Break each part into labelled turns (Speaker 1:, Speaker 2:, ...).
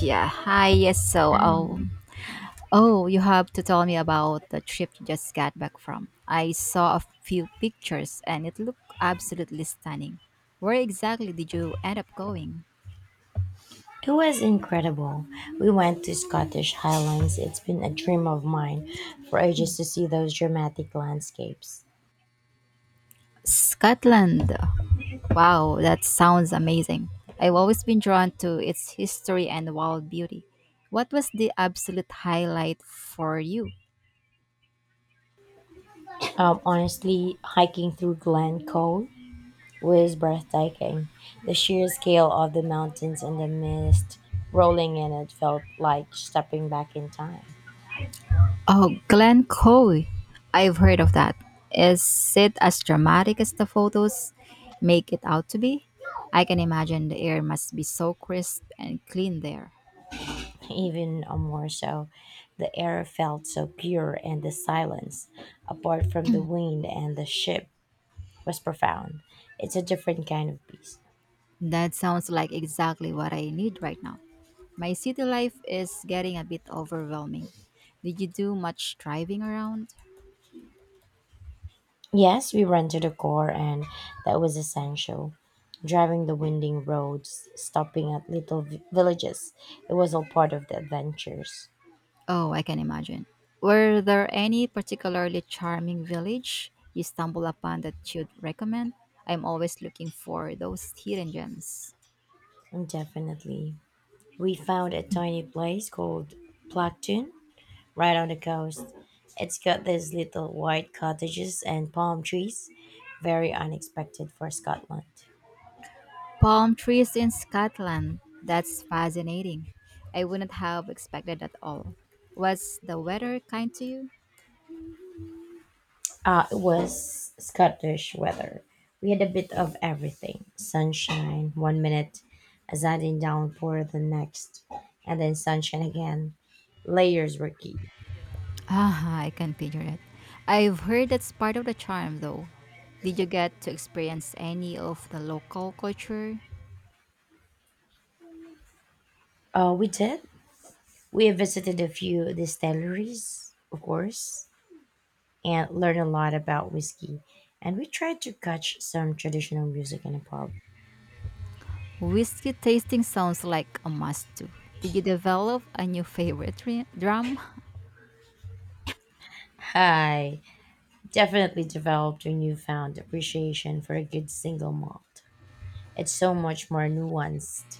Speaker 1: Yeah, hi, yes,
Speaker 2: And
Speaker 1: you have to tell me about the trip you just got back from. I saw a few pictures and it looked absolutely stunning. Where exactly did you end up going?
Speaker 2: it was incredible. We went to Scottish Highlands. It's been a dream of mine for ages to see those dramatic landscapes.
Speaker 1: Scotland. Wow, that sounds amazing. I've always been drawn to its history and wild beauty. What was the absolute highlight for you?
Speaker 2: Honestly, hiking through Glencoe was breathtaking. The sheer scale of the mountains and the mist rolling in it felt like stepping back in time.
Speaker 1: Oh, Glen Coe. I've heard of that. Is it as dramatic as the photos make it out to be? I can imagine the air must be so crisp and clean there.
Speaker 2: Even more so, the air felt so pure, and the silence, apart from the wind and the ship, was profound. It's a different kind of peace.
Speaker 1: That sounds like exactly what I need right now. My city life is getting a bit overwhelming. Did you do much driving around?
Speaker 2: Yes, we rented a car, and that was essential. Driving the winding roads, stopping at villages, it was all part of the adventures.
Speaker 1: Oh, I can imagine. Were there any particularly charming village you stumbled upon that you'd recommend? I'm always looking for those hidden gems.
Speaker 2: Definitely. We found a tiny place called Plactoon right on the coast. It's got these little white cottages and palm trees, very unexpected for Scotland.
Speaker 1: Palm trees in Scotland. That's fascinating. I wouldn't have expected at all. Was the weather kind to you?
Speaker 2: It was Scottish weather. We had a bit of everything sunshine one minute, a sudden downpour the next, and then sunshine again. Layers were key.
Speaker 1: Ah, I can picture it. I've heard that's part of the charm, though. Did you get to experience any of the local culture?
Speaker 2: We did. We visited a few distilleries, of course, and learned a lot about whiskey. And we tried to catch some traditional music in a pub.
Speaker 1: Whiskey tasting sounds like a must do. Did you develop a new favorite drum?
Speaker 2: I definitely developed a newfound appreciation for a good single malt. It's so much more nuanced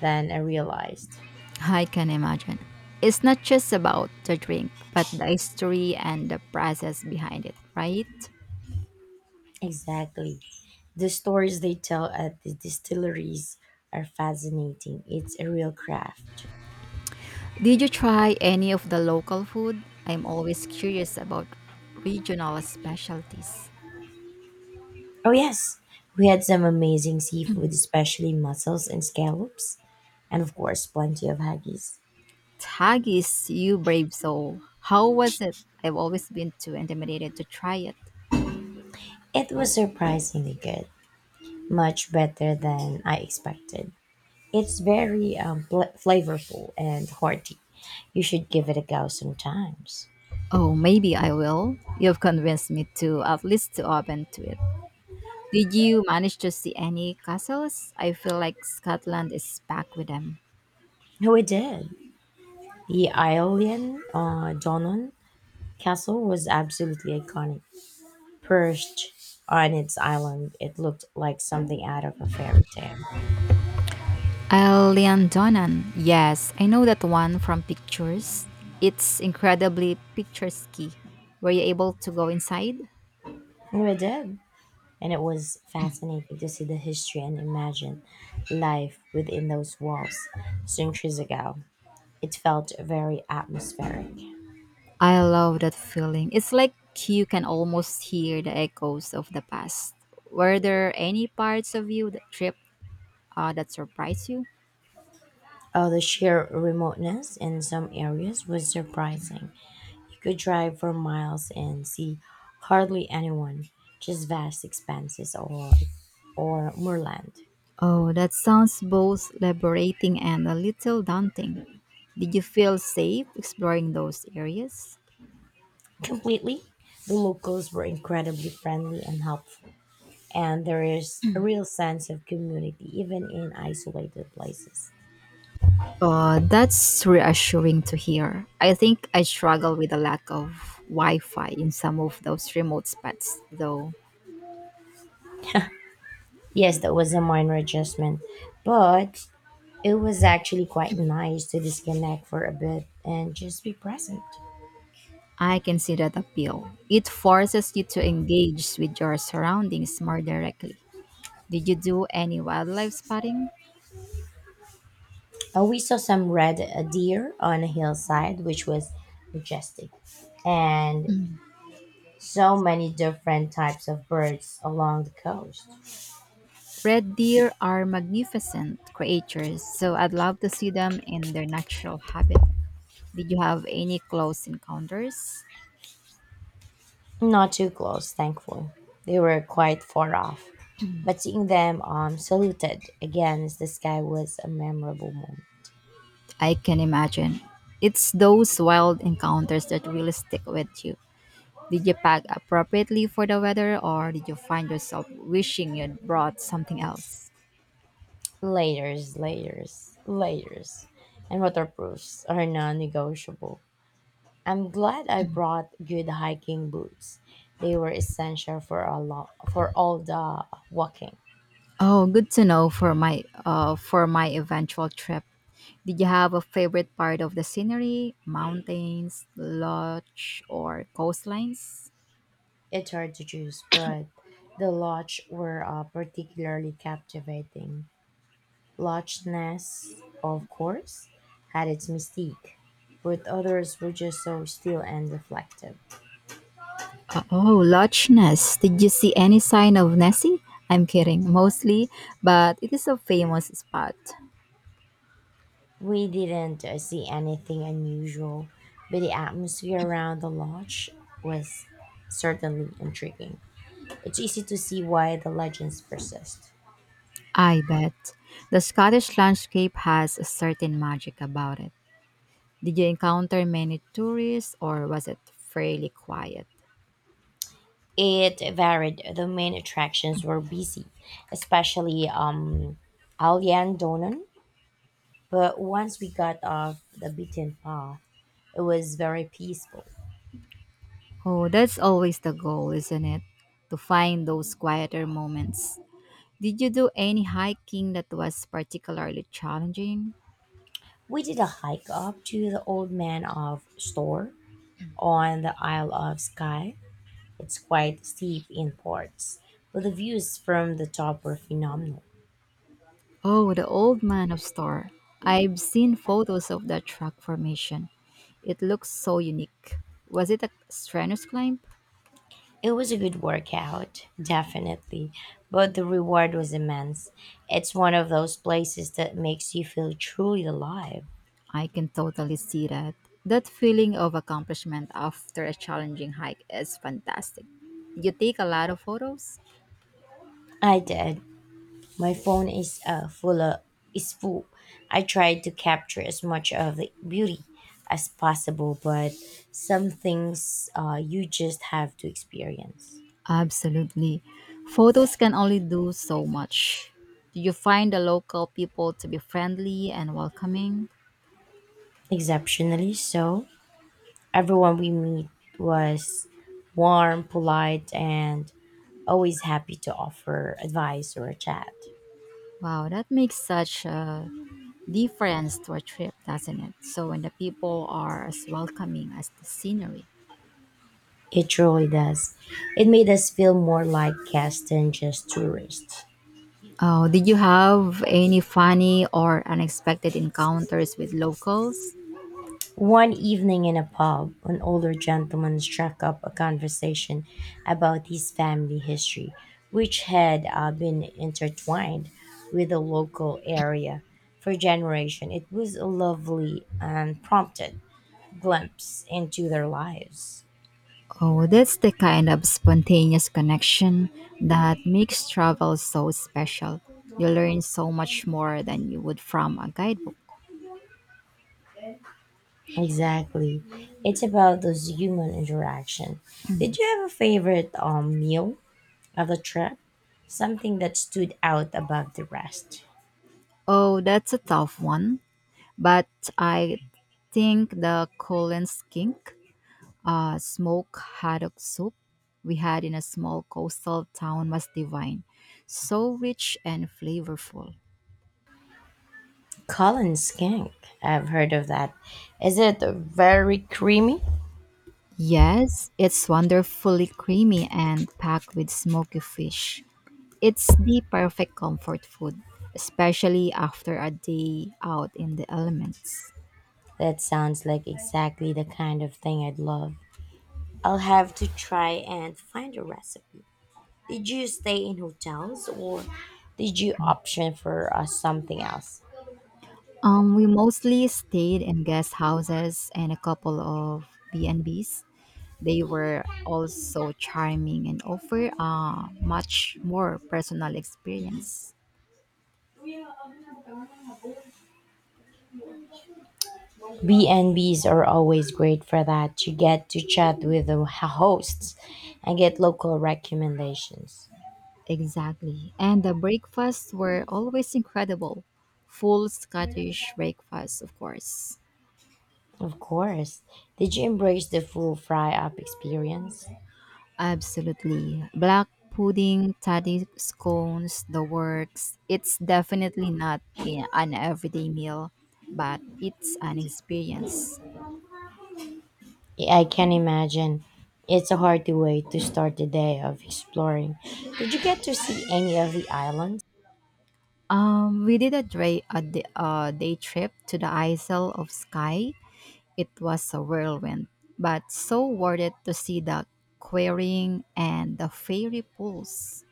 Speaker 2: than I realized.
Speaker 1: I can imagine. It's not just about the drink, but the history and the process behind it, right?
Speaker 2: Exactly. The stories they tell at the distilleries are fascinating. It's a real craft.
Speaker 1: Did you try any of the local food? I'm always curious about regional specialties.
Speaker 2: Oh, yes. We had some amazing seafood, especially mussels and scallops, and of course, plenty of haggis.
Speaker 1: Haggis, you brave soul. How was it? I've always been too intimidated to try it.
Speaker 2: It was surprisingly good, much better than I expected. It's very flavorful and hearty. You should give it a go sometimes.
Speaker 1: Oh, maybe I will. You've convinced me to at least to open to it. Did you manage to see any castles? I feel like Scotland is packed with them.
Speaker 2: Oh, I did. The Aeolian Donon castle was absolutely iconic. Perched on its island, it looked like something out of a fairy tale.
Speaker 1: Elian Donan. Yes, I know that one from pictures. It's incredibly picturesque. Were you able to go inside?
Speaker 2: And it did. And it was fascinating to see the history and imagine life within those walls centuries ago. It felt very atmospheric.
Speaker 1: I love that feeling. It's like you can almost hear the echoes of the past. Were there any parts of you that trip that surprised you?
Speaker 2: Oh, the sheer remoteness in some areas was surprising. You could drive for miles and see hardly anyone, just vast expanses or moorland.
Speaker 1: Oh, that sounds both liberating and a little daunting. Did you feel safe exploring those areas?
Speaker 2: Completely. The locals were incredibly friendly and helpful, and there is a real sense of community even in isolated places.
Speaker 1: That's reassuring to hear. I think I struggle with the lack of Wi Fi in some of those remote spots, though.
Speaker 2: Yes, that was a minor adjustment, but it was actually quite nice to disconnect for a bit and just be present.
Speaker 1: I can see that appeal. It forces you to engage with your surroundings more directly. Did you do any wildlife spotting?
Speaker 2: We saw some red deer on a hillside, which was majestic, and so many different types of birds along the coast.
Speaker 1: Red deer are magnificent creatures, so I'd love to see them in their natural habitat. Did you have any close encounters?
Speaker 2: Not too close, thankfully. They were quite far off, but seeing them saluted against the sky was a memorable moment.
Speaker 1: I can imagine. It's those wild encounters that really stick with you. Did you pack appropriately for the weather or did you find yourself wishing you'd brought something else?
Speaker 2: Layers, layers, layers, and waterproofs are non negotiable. I'm glad I brought good hiking boots. They were essential for all the walking.
Speaker 1: Oh, good to know for my eventual trip. Did you have a favorite part of the scenery? Mountains, lodge, or coastlines?
Speaker 2: It's hard to choose, but the lodge were particularly captivating. Loch Ness, of course, had its mystique, but others were just so still and reflective.
Speaker 1: Oh, Loch Ness. Did you see any sign of Nessie? I'm kidding, mostly, but it is a famous spot.
Speaker 2: We didn't see anything unusual, but the atmosphere around the lodge was certainly intriguing. It's easy to see why the legends persist.
Speaker 1: I bet. The Scottish landscape has a certain magic about it. Did you encounter many tourists or was it fairly quiet?
Speaker 2: It varied. The main attractions were busy, especially Alyan Donan. But once we got off the beaten path, it was very peaceful.
Speaker 1: Oh, that's always the goal, isn't it? To find those quieter moments. Did you do any hiking that was particularly challenging?
Speaker 2: We did a hike up to the Old Man of Storr on the Isle of Skye. It's quite steep in parts, but the views from the top were phenomenal.
Speaker 1: Oh, the Old Man of Star. I've seen photos of that rock formation. It looks so unique. Was it a strenuous climb?
Speaker 2: It was a good workout, definitely, but the reward was immense. It's one of those places that makes you feel truly alive.
Speaker 1: I can totally see that. That feeling of accomplishment after a challenging hike is fantastic. Did you take a lot of photos?
Speaker 2: I did. My phone is is full. I tried to capture as much of the beauty as possible, but some things you just have to experience.
Speaker 1: Absolutely. Photos can only do so much. Do you find the local people to be friendly and welcoming?
Speaker 2: Exceptionally so, everyone we meet was warm, polite, and always happy to offer advice or a chat.
Speaker 1: Wow, that makes such a difference to a trip, doesn't it? So when the people are as welcoming as the scenery.
Speaker 2: It truly does. It made us feel more like guests than just tourists.
Speaker 1: Oh, did you have any funny or unexpected encounters with locals?
Speaker 2: One evening in a pub, an older gentleman struck up a conversation about his family history, which had been intertwined with the local area for generations. It was a lovely and prompted glimpse into their lives.
Speaker 1: Oh, that's the kind of spontaneous connection that makes travel so special. You learn so much more than you would from a guidebook.
Speaker 2: Exactly. It's about those human interaction. Did you have a favorite meal of the trip? Something that stood out above the rest?
Speaker 1: Oh, that's a tough one, but I think the Colin's skink, smoked haddock soup we had in a small coastal town was divine, so rich and flavorful.
Speaker 2: Colin skink. I've heard of that. Is it very creamy?
Speaker 1: Yes, it's wonderfully creamy and packed with smoky fish. It's the perfect comfort food, especially after a day out in the elements.
Speaker 2: That sounds like exactly the kind of thing I'd love. I'll have to try and find a recipe. Did you stay in hotels or did you option for something else?
Speaker 1: We mostly stayed in guest houses and a couple of B&Bs. They were also charming and offer a much more personal experience.
Speaker 2: B&Bs are always great for that. You get to chat with the hosts and get local recommendations.
Speaker 1: Exactly. And the breakfasts were always incredible. Full Scottish breakfast, of course.
Speaker 2: Of course. Did you embrace the full fry up experience?
Speaker 1: Absolutely. Black pudding, tatty scones, the works. It's definitely not I- an everyday meal, but it's an experience.
Speaker 2: I can imagine. It's a hearty way to start the day of exploring. Did you get to see any of the islands?
Speaker 1: We did a, dra- a, d- a day trip to the Isle of Skye. It was a whirlwind, but so worth it to see the quarrying and the fairy pools.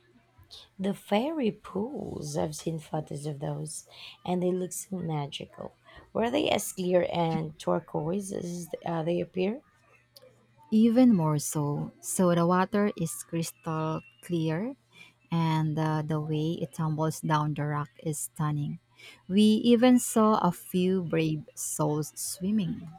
Speaker 2: The fairy pools, I've seen photos of those, and they look so magical. Were they as clear and turquoise as they appear?
Speaker 1: Even more so, so the water is crystal clear and the way it tumbles down the rock is stunning. We even saw a few brave souls swimming.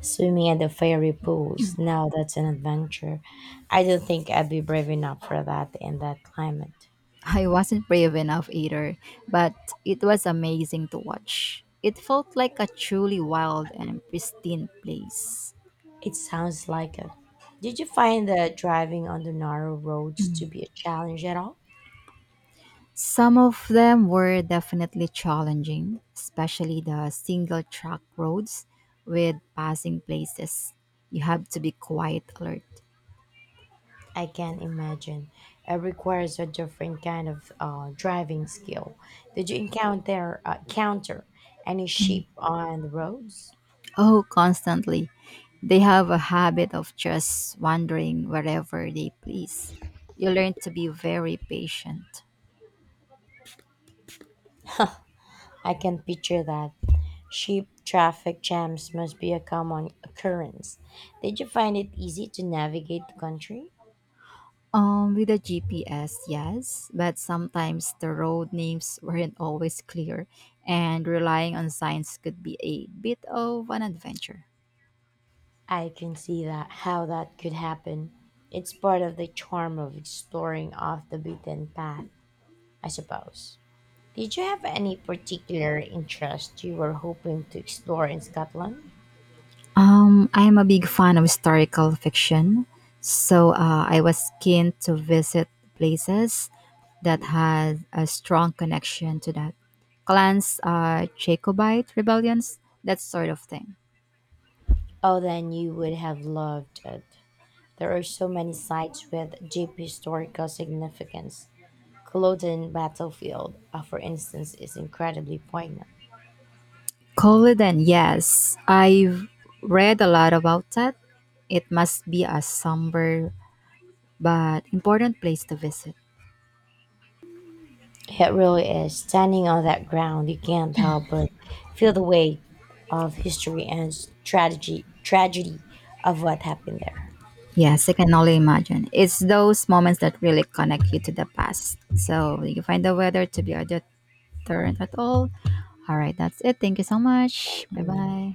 Speaker 2: Swimming at the fairy pools, now that's an adventure. I don't think I'd be brave enough for that in that climate.
Speaker 1: I wasn't brave enough either, but it was amazing to watch. It felt like a truly wild and pristine place.
Speaker 2: It sounds like it. Did you find that driving on the narrow roads to be a challenge at all?
Speaker 1: Some of them were definitely challenging, especially the single track roads with passing places. You have to be quite alert.
Speaker 2: I can imagine. It requires a different kind of driving skill. Did you encounter counter any sheep on the roads?
Speaker 1: Oh, constantly. They have a habit of just wandering wherever they please. You learn to be very patient.
Speaker 2: I can picture that. Sheep traffic jams must be a common occurrence. Did you find it easy to navigate the country?
Speaker 1: With the GPS, yes, but sometimes the road names weren't always clear, and relying on signs could be a bit of an adventure.
Speaker 2: I can see that how that could happen. It's part of the charm of exploring off the beaten path, I suppose. Did you have any particular interest you were hoping to explore in Scotland?
Speaker 1: I'm a big fan of historical fiction, so I was keen to visit places that had a strong connection to that. Clans, Jacobite rebellions, that sort of thing.
Speaker 2: Oh, then you would have loved it. There are so many sites with deep historical significance. Culloden Battlefield, for instance, is incredibly poignant.
Speaker 1: Colodan, yes. I've read a lot about that. It must be a somber but important place to visit.
Speaker 2: It really is. Standing on that ground, you can't help but feel the weight of history and strategy, tragedy of what happened there.
Speaker 1: Yes, I can only imagine. It's those moments that really connect you to the past. So you find the weather to be a turn at all. All right, that's it. Thank you so much. Bye bye.
Speaker 2: Yeah.